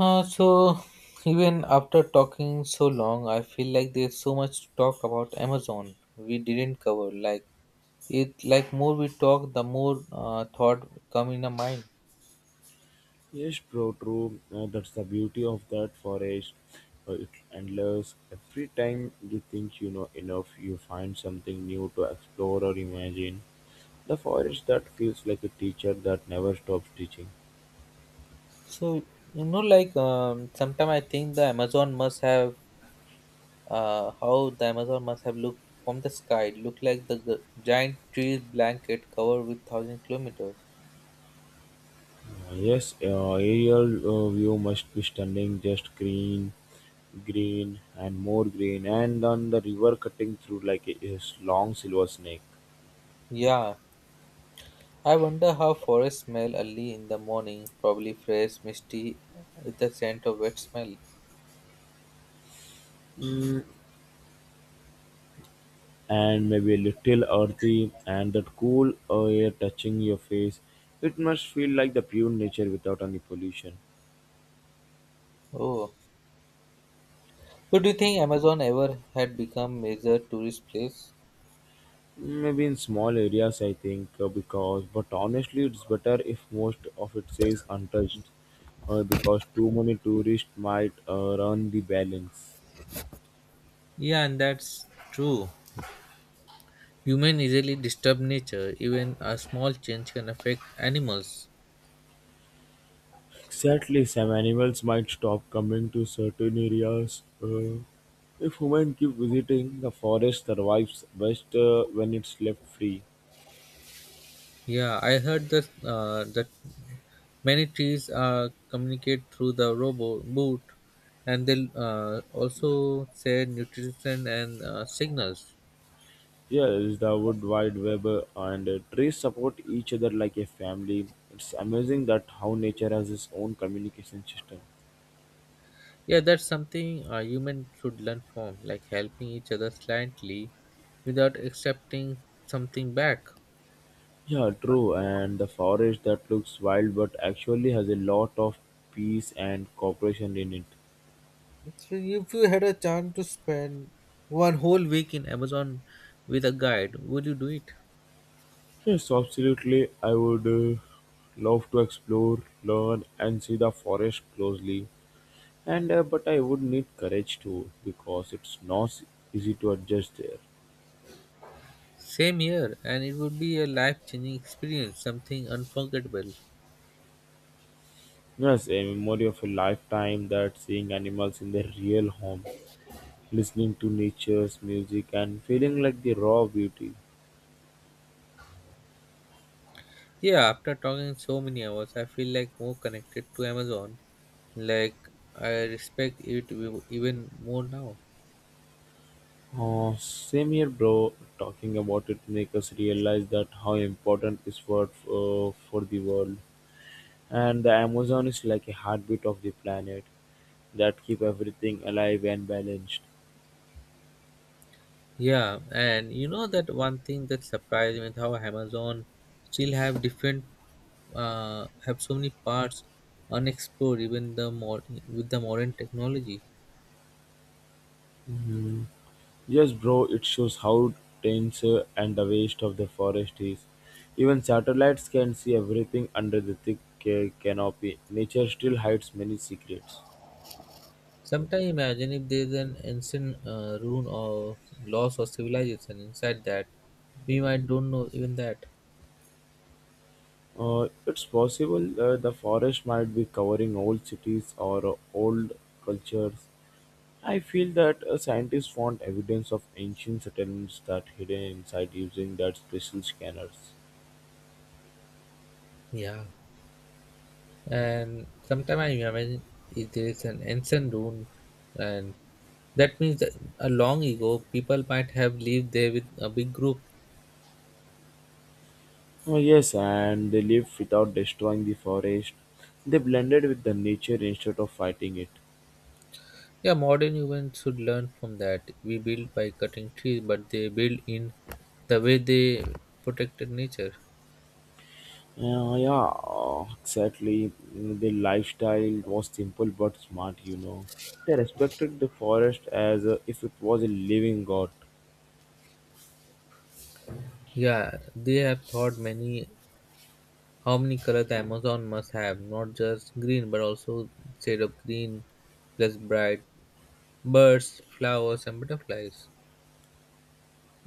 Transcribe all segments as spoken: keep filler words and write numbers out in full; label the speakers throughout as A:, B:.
A: Uh, so even after talking so long, I feel like there's so much to talk about Amazon we didn't cover. Like it, like more we talk, the more uh, thought come in the mind.
B: Yes, bro, true. Uh, that's the beauty of that forest. Uh, it endless. Every time you think you know enough, you find something new to explore or imagine. The forest that feels like a teacher that never stops teaching.
A: So you know, like um, sometimes I think the Amazon must have uh, how the Amazon must have looked from the sky. It looked like the, the giant trees blanket covered with thousand kilometers.
B: Uh, yes, uh, aerial uh, view must be stunning. Just green, green, and more green, and then the river cutting through like a, a long silver snake.
A: Yeah, I wonder how forests smell early in the morning, probably fresh, misty, with a scent of wet smell.
B: Mm, and maybe a little earthy, and that cool air touching your face. It must feel like the pure nature without any pollution.
A: Oh. So do you think Amazon ever had become major tourist place?
B: Maybe in small areas, I think, uh, because, but honestly, it's better if most of it stays untouched, uh, because too many tourists might uh, run the balance.
A: Yeah, and that's true. Human easily disturb nature. Even a small change can affect animals.
B: Exactly, some animals might stop coming to certain areas. Uh, if humans keep visiting, the forest survives best uh, when it's left free.
A: Yeah, I heard that uh, that many trees uh, communicate through the robot boot, and they uh, also share nutrition and uh, signals.
B: Yes, the Wood Wide Web and trees support each other like a family. It's amazing that how nature has its own communication system.
A: Yeah, that's something a human should learn from, like helping each other slightly without accepting something back.
B: Yeah, true. And the forest that looks wild but actually has a lot of peace and cooperation in it.
A: So if you had a chance to spend one whole week in Amazon with a guide, would you do it?
B: Yes, absolutely. I would uh, love to explore, learn, and see the forest closely. And uh, But I would need courage too because it's not easy to adjust there.
A: Same here, and it would be a life changing experience, something unforgettable.
B: Yes, a memory of a lifetime that seeing animals in their real home, listening to nature's music, and feeling like the raw beauty.
A: Yeah, after talking so many hours, I feel like more connected to Amazon. Like I respect it ev- even more now.
B: Uh, same here, bro. Talking about it make us realize that how important is for uh, for the world, and the Amazon is like a heartbeat of the planet that keep everything alive and balanced.
A: Yeah, and you know that one thing that surprised me is how Amazon still have different uh, have so many parts unexplored even the more with the modern technology.
B: Mhm. Yes, bro, it shows how dense uh, and the waste of the forest is. Even satellites can see everything under the thick ca- canopy. Nature still hides many secrets.
A: Sometimes imagine if there's an ancient uh, ruin or loss or civilization inside that, we might don't know even that.
B: Uh, it's possible uh, the forest might be covering old cities or uh, old cultures. I feel that uh, scientists found evidence of ancient settlements that hidden inside using that special scanners.
A: Yeah, and sometimes I imagine if there is an ancient ruin, and that means that a long ago people might have lived there with a big group.
B: Oh, yes, and they lived without destroying the forest. They blended with the nature instead of fighting it.
A: Yeah, modern humans should learn from that. We build by cutting trees, but they build in the way they protected nature.
B: Yeah, yeah, uh, exactly. The lifestyle was simple but smart, you know. They respected the forest as uh, if it was a living god.
A: Yeah, they have thought many how many colors the Amazon must have, not just green, but also shade of green plus bright birds, flowers, and butterflies.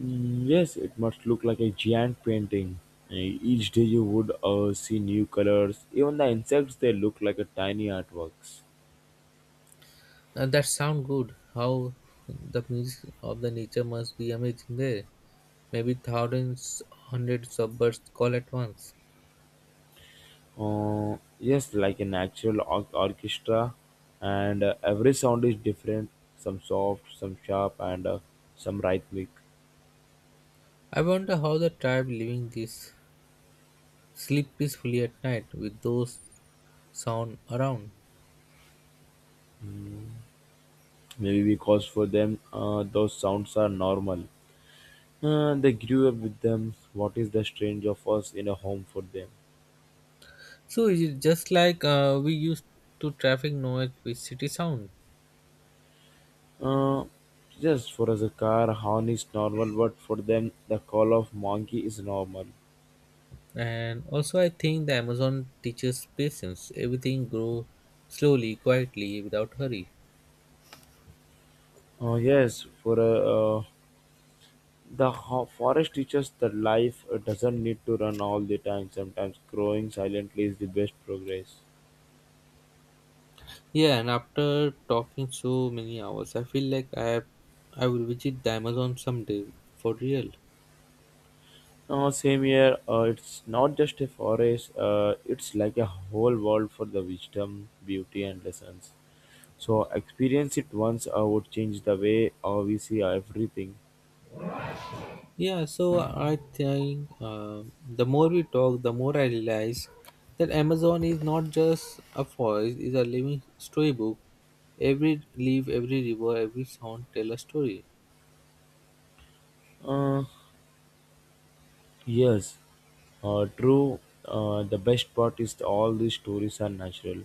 B: Mm, yes, it must look like a giant painting. Uh, Each day you would uh, see new colors. Even the insects, they look like a tiny artworks.
A: Now that sound good. How the music of the nature must be amazing there. Maybe thousands, hundreds of birds call at once.
B: Uh, yes, like an actual or- orchestra, and uh, every sound is different. Some soft, some sharp, and uh, some rhythmic.
A: I wonder how the tribe living this sleep peacefully at night with those sound around.
B: Maybe because for them, uh, those sounds are normal. Uh, they grew up with them. What is the strange of us in a home for them?
A: So it is just like uh, we used to traffic noise with city sound.
B: Uh, just for us, a car horn is normal, but for them, the call of monkey is normal.
A: And also I think the Amazon teaches patience. Everything grow slowly, quietly, without hurry.
B: Uh, yes, for a uh, The ho- forest teaches that life uh, doesn't need to run all the time. Sometimes growing silently is the best progress.
A: Yeah, and after talking so many hours, I feel like I I will visit the Amazon someday for real.
B: Uh, same here, uh, it's not just a forest, uh, it's like a whole world for the wisdom, beauty, and lessons. So, experience it once uh, would change the way uh, we see everything.
A: Yeah, so I think uh, the more we talk, the more I realize that Amazon is not just a forest, it's a living storybook. Every leaf, every river, every sound tell a story.
B: Uh, Yes, uh, true. Uh, the best part is that all these stories are natural,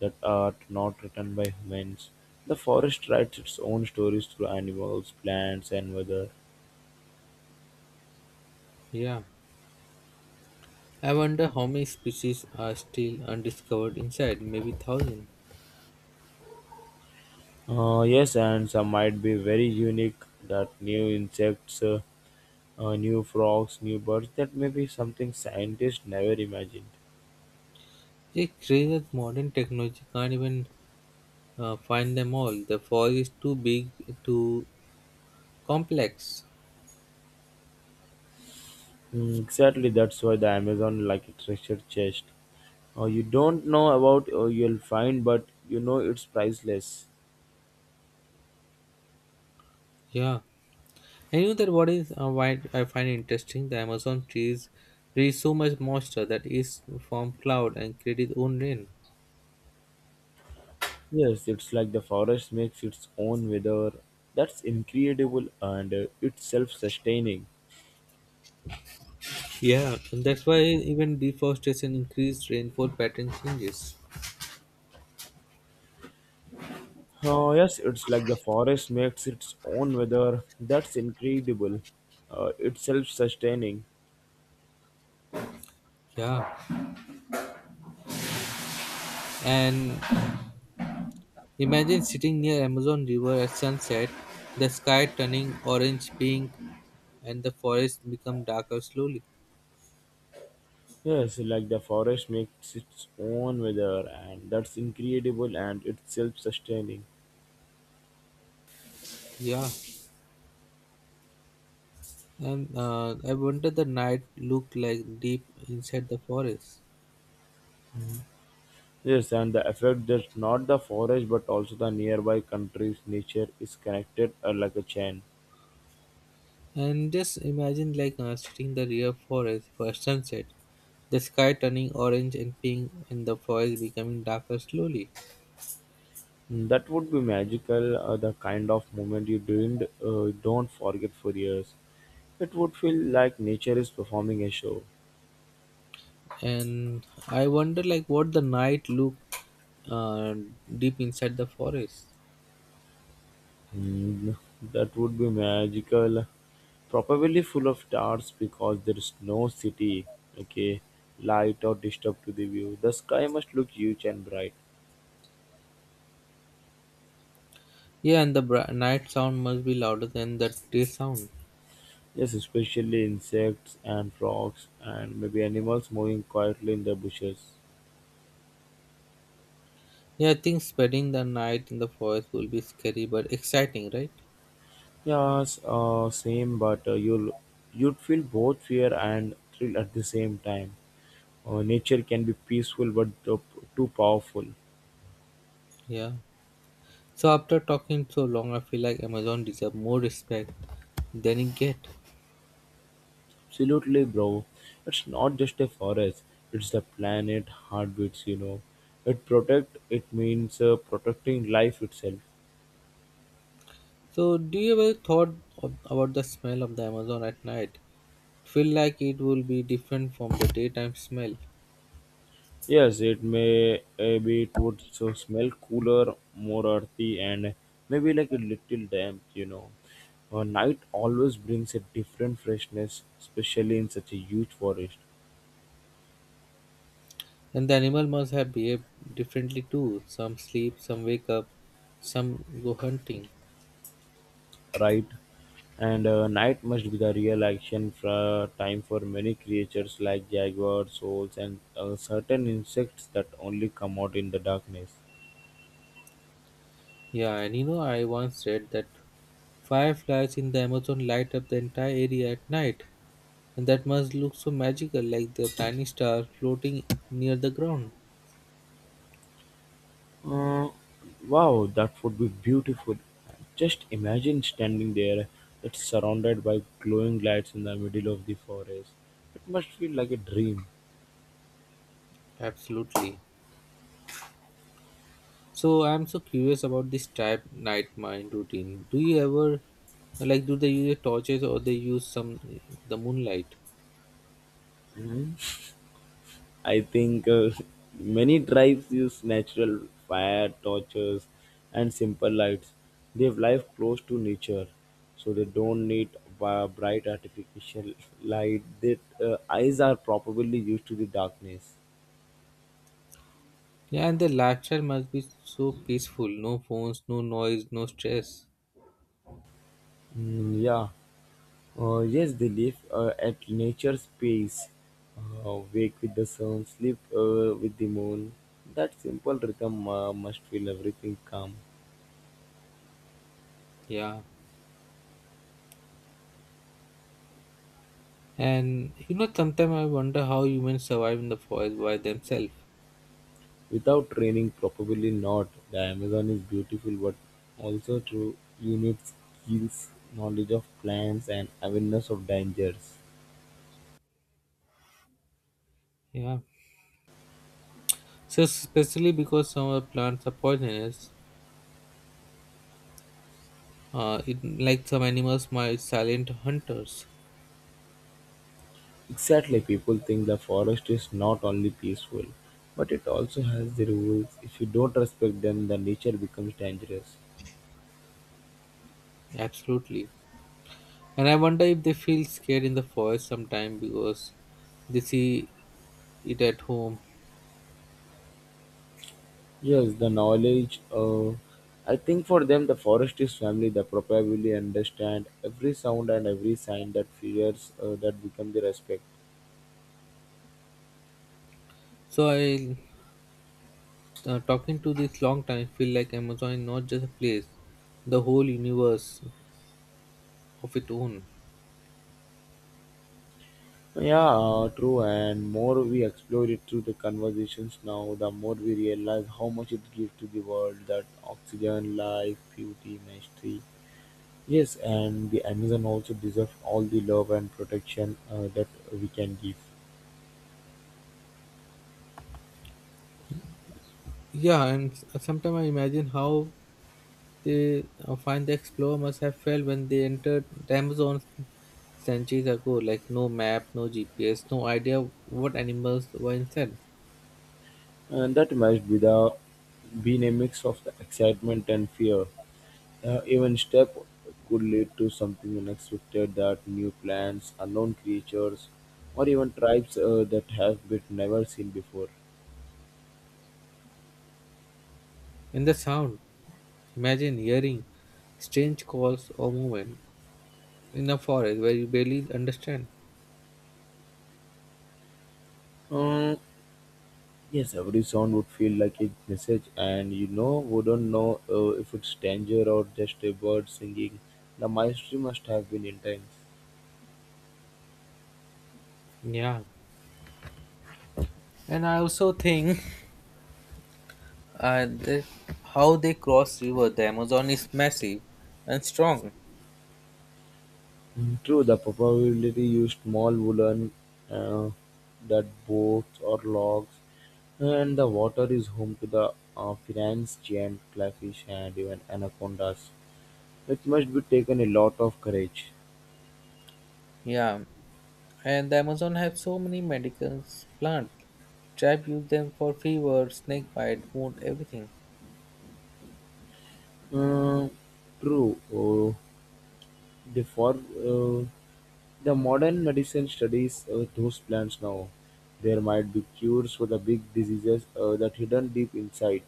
B: that are not written by humans. The forest writes its own stories through animals, plants, and weather.
A: Yeah. I wonder how many species are still undiscovered inside, maybe thousand.
B: Uh, yes, and some might be very unique. That new insects, uh, uh, new frogs, new birds. That may be something scientists never imagined.
A: It's crazy that modern technology can't even uh, find them all. The forest is too big, too complex.
B: Mm, exactly, that's why the Amazon like a treasure chest. Uh, you don't know about uh, you'll find, but you know it's priceless.
A: Yeah. I knew that what is uh, why I find it interesting. The Amazon trees release so much moisture that is from cloud and create its own rain.
B: Yes, it's like the forest makes its own weather. That's incredible and uh, it's self-sustaining.
A: Yeah, and that's why even deforestation increased rainfall pattern changes.
B: Oh, yes, it's like the forest makes its own weather. That's incredible. Uh, it's self-sustaining.
A: Yeah, and imagine sitting near Amazon River at sunset, the sky turning orange pink, and the forest become darker slowly.
B: Yes, like the forest makes its own weather, and that's incredible and it's self-sustaining.
A: Yeah, and uh, I wonder the night look like deep inside the forest.
B: Yes, and the effect that not the forest but also the nearby countries' nature is connected uh, like a chain.
A: And just imagine like uh, sitting in the real forest for a sunset, the sky turning orange and pink and the forest becoming darker slowly.
B: That would be magical, uh, the kind of moment you didn't uh, don't forget for years. It would feel like nature is performing a show.
A: And I wonder like what the night look uh, deep inside the forest.
B: Hmm, that would be magical. Probably full of stars because there is no city, okay, light or disturb to the view. The sky must look huge and bright.
A: Yeah, and the br- night sound must be louder than the day sound.
B: Yes, especially insects and frogs and maybe animals moving quietly in the bushes.
A: Yeah, I think spending the night in the forest will be scary but exciting, right?
B: Yes, uh, same, but uh, you'll you'd feel both fear and thrill at the same time. Uh, nature can be peaceful, but too, too powerful.
A: Yeah. So after talking so long, I feel like Amazon deserve more respect than it get.
B: Absolutely, bro. It's not just a forest; it's the planet heartbeats. You know, it protect. It means uh, protecting life itself.
A: So, do you ever thought of, about the smell of the Amazon at night? It feel like it will be different from the daytime smell,
B: Yes, it may uh, be it would so smell cooler, more earthy, and maybe like a little damp, you know. Uh, night always brings a different freshness, especially in such a huge forest,
A: and the animal must have behaved differently too. Some sleep, some wake up, some go hunting.
B: right? And uh, night must be the real action fra- time for many creatures like jaguars, owls, and uh, certain insects that only come out in the darkness.
A: Yeah, and you know, I once read that fireflies in the Amazon light up the entire area at night, and that must look so magical, like the tiny star floating near the ground.
B: Uh, wow, that would be beautiful. Just imagine standing there, it's surrounded by glowing lights in the middle of the forest. It must feel like a dream.
A: Absolutely. So I'm so curious about this type night mind routine. Do you ever like do they use torches or they use some the moonlight?
B: Mhm. I think uh, many tribes use natural fire, torches, and simple lights. They have life close to nature, so they don't need b- bright artificial light. Their uh, eyes are probably used to the darkness.
A: Yeah, and the lifestyle must be so peaceful. No phones, no noise, no stress.
B: Mm, yeah. Uh, yes, they live uh, at nature's pace. Uh, wake with the sun, sleep uh, with the moon. That simple rhythm uh, must feel everything calm.
A: Yeah, and you know sometimes I wonder how humans survive in the forest by themselves.
B: Without training, probably not. The Amazon is beautiful, but also through unique skills, knowledge of plants, and awareness of dangers.
A: Yeah, so especially because some of the plants are poisonous. Uh, it, like some animals might silent hunters.
B: Exactly, people think the forest is not only peaceful, but it also has the rules. If you don't respect them, the nature becomes dangerous.
A: Absolutely. And I wonder if they feel scared in the forest sometime because they see it at home.
B: Yes, the knowledge. Uh, I think for them, the forest is family. They probably understand every sound and every sign that fears uh, that become their respect.
A: So I, uh, talking to this long time, feel like Amazon is not just a place, the whole universe of its own.
B: Yeah, uh, true. And more we explore it through the conversations now, the more we realize how much it gives to the world that oxygen, life, beauty, mystery. Yes, and the Amazon also deserves all the love and protection uh, that we can give.
A: Yeah, and sometimes I imagine how they uh, find the explorer must have felt when they entered the Amazon centuries ago, like no map, no G P S, no idea what animals were inside.
B: And that must be the being a mix of the excitement and fear. Uh, even step could lead to something unexpected that new plants, unknown creatures, or even tribes uh, that have been never seen before.
A: And the sound, imagine hearing strange calls or movement in a forest where you barely understand.
B: Um, yes, every sound would feel like a message, and you know, wouldn't know uh, if it's danger or just a bird singing. The mystery must have been intense.
A: Yeah, and I also think uh, that how they cross river. The Amazon is massive and strong.
B: True, the probability used small woolen uh, that boats or logs, and the water is home to the uh, Finn's giant crayfish and even anacondas. It must be taken a lot of courage.
A: Yeah, and the Amazon has so many medical plants. Tribe use them for fever, snake bite, wound, everything.
B: Uh, true, uh, the, for, uh, the modern medicine studies uh, those plants now. There might be cures for the big diseases uh, that hidden deep inside.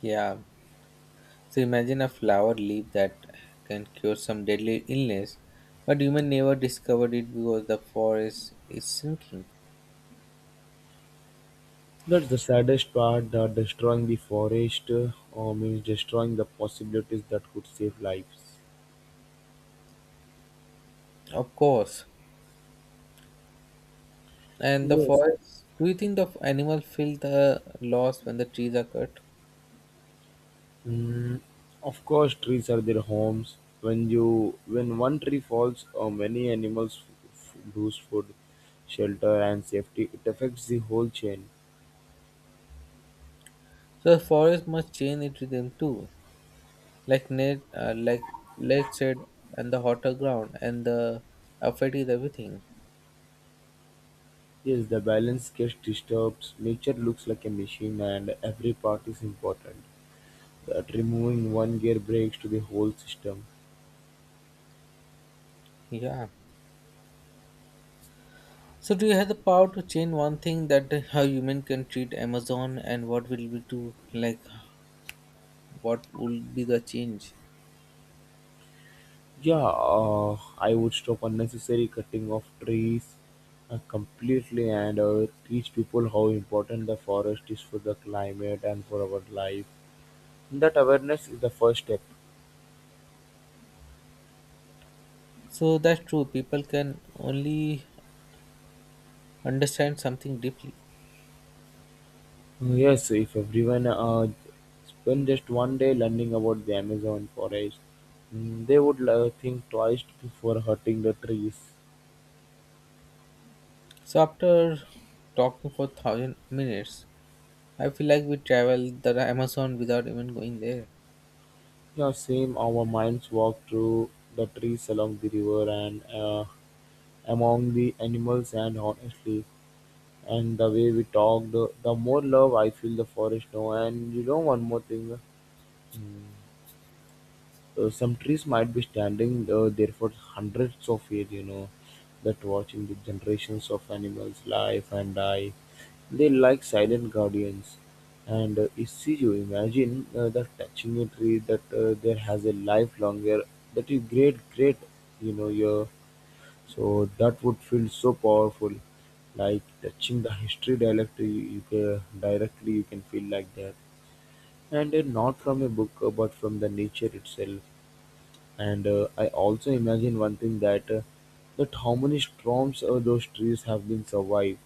A: Yeah, so imagine a flower leaf that can cure some deadly illness, but human never discovered it because the forest is sinking.
B: That's the saddest part that destroying the forest uh, uh, means destroying the possibilities that could save lives.
A: Of course. And the
B: Yes.
A: forest, do you think the f- animal feel the loss when the trees are cut?
B: Mm, of course, trees are their homes. When you when one tree falls, uh, many animals f- f- lose food, shelter, and safety. It affects the whole chain.
A: So the forest must change its rhythm too, like net, uh, like lead said, and the hotter ground and the effect is everything.
B: Yes, the balance gets disturbed. Nature looks like a machine, and every part is important. That removing one gear breaks to the whole system.
A: Yeah. So do you have the power to change one thing that how human can treat Amazon and what will we do? Like, what will be the change?
B: Yeah, uh, I would stop unnecessary cutting of trees uh, completely and uh, teach people how important the forest is for the climate and for our life. That awareness is the first step.
A: So that's true. People can only understand something deeply.
B: Uh, Yes, if everyone uh, spend just one day learning about the Amazon forest, mm, they would uh, think twice before hurting the trees.
A: So after talking for thousand minutes, I feel like we traveled the Amazon without even going there.
B: Yeah, same. Our minds walk through the trees along the river and uh, among the animals, and honestly, and the way we talk, the, the more love I feel the forest know. And you know, one more thing. Hmm. Uh, some trees might be standing uh, there for hundreds of years, you know, that watching the generations of animals life and die. They like silent guardians. And uh, if you imagine uh, that touching a tree that uh, there has a life longer, that is great, great, you know, your so that would feel so powerful, like touching the history directly. You you can directly you can feel like that, and uh, not from a book, uh, but from the nature itself, and uh, I also imagine one thing that uh, that how many storms uh, those trees have been survived.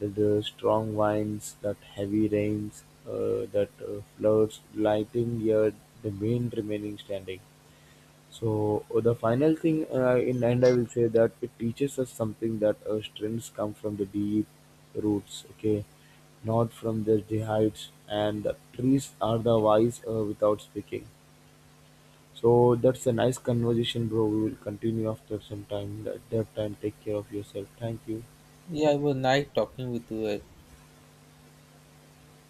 B: The, the strong winds, that heavy rains, uh, that uh, floods, lighting here, the main remaining standing. So uh, the final thing uh, in end, I will say that it teaches us something that uh, strengths come from the deep roots. Okay, not from the, the heights. And the trees are the wise uh, without speaking. So that's a nice conversation, bro. We will continue after some time. At that time, take care of yourself. Thank you.
A: Yeah, it was nice talking with you. Uh,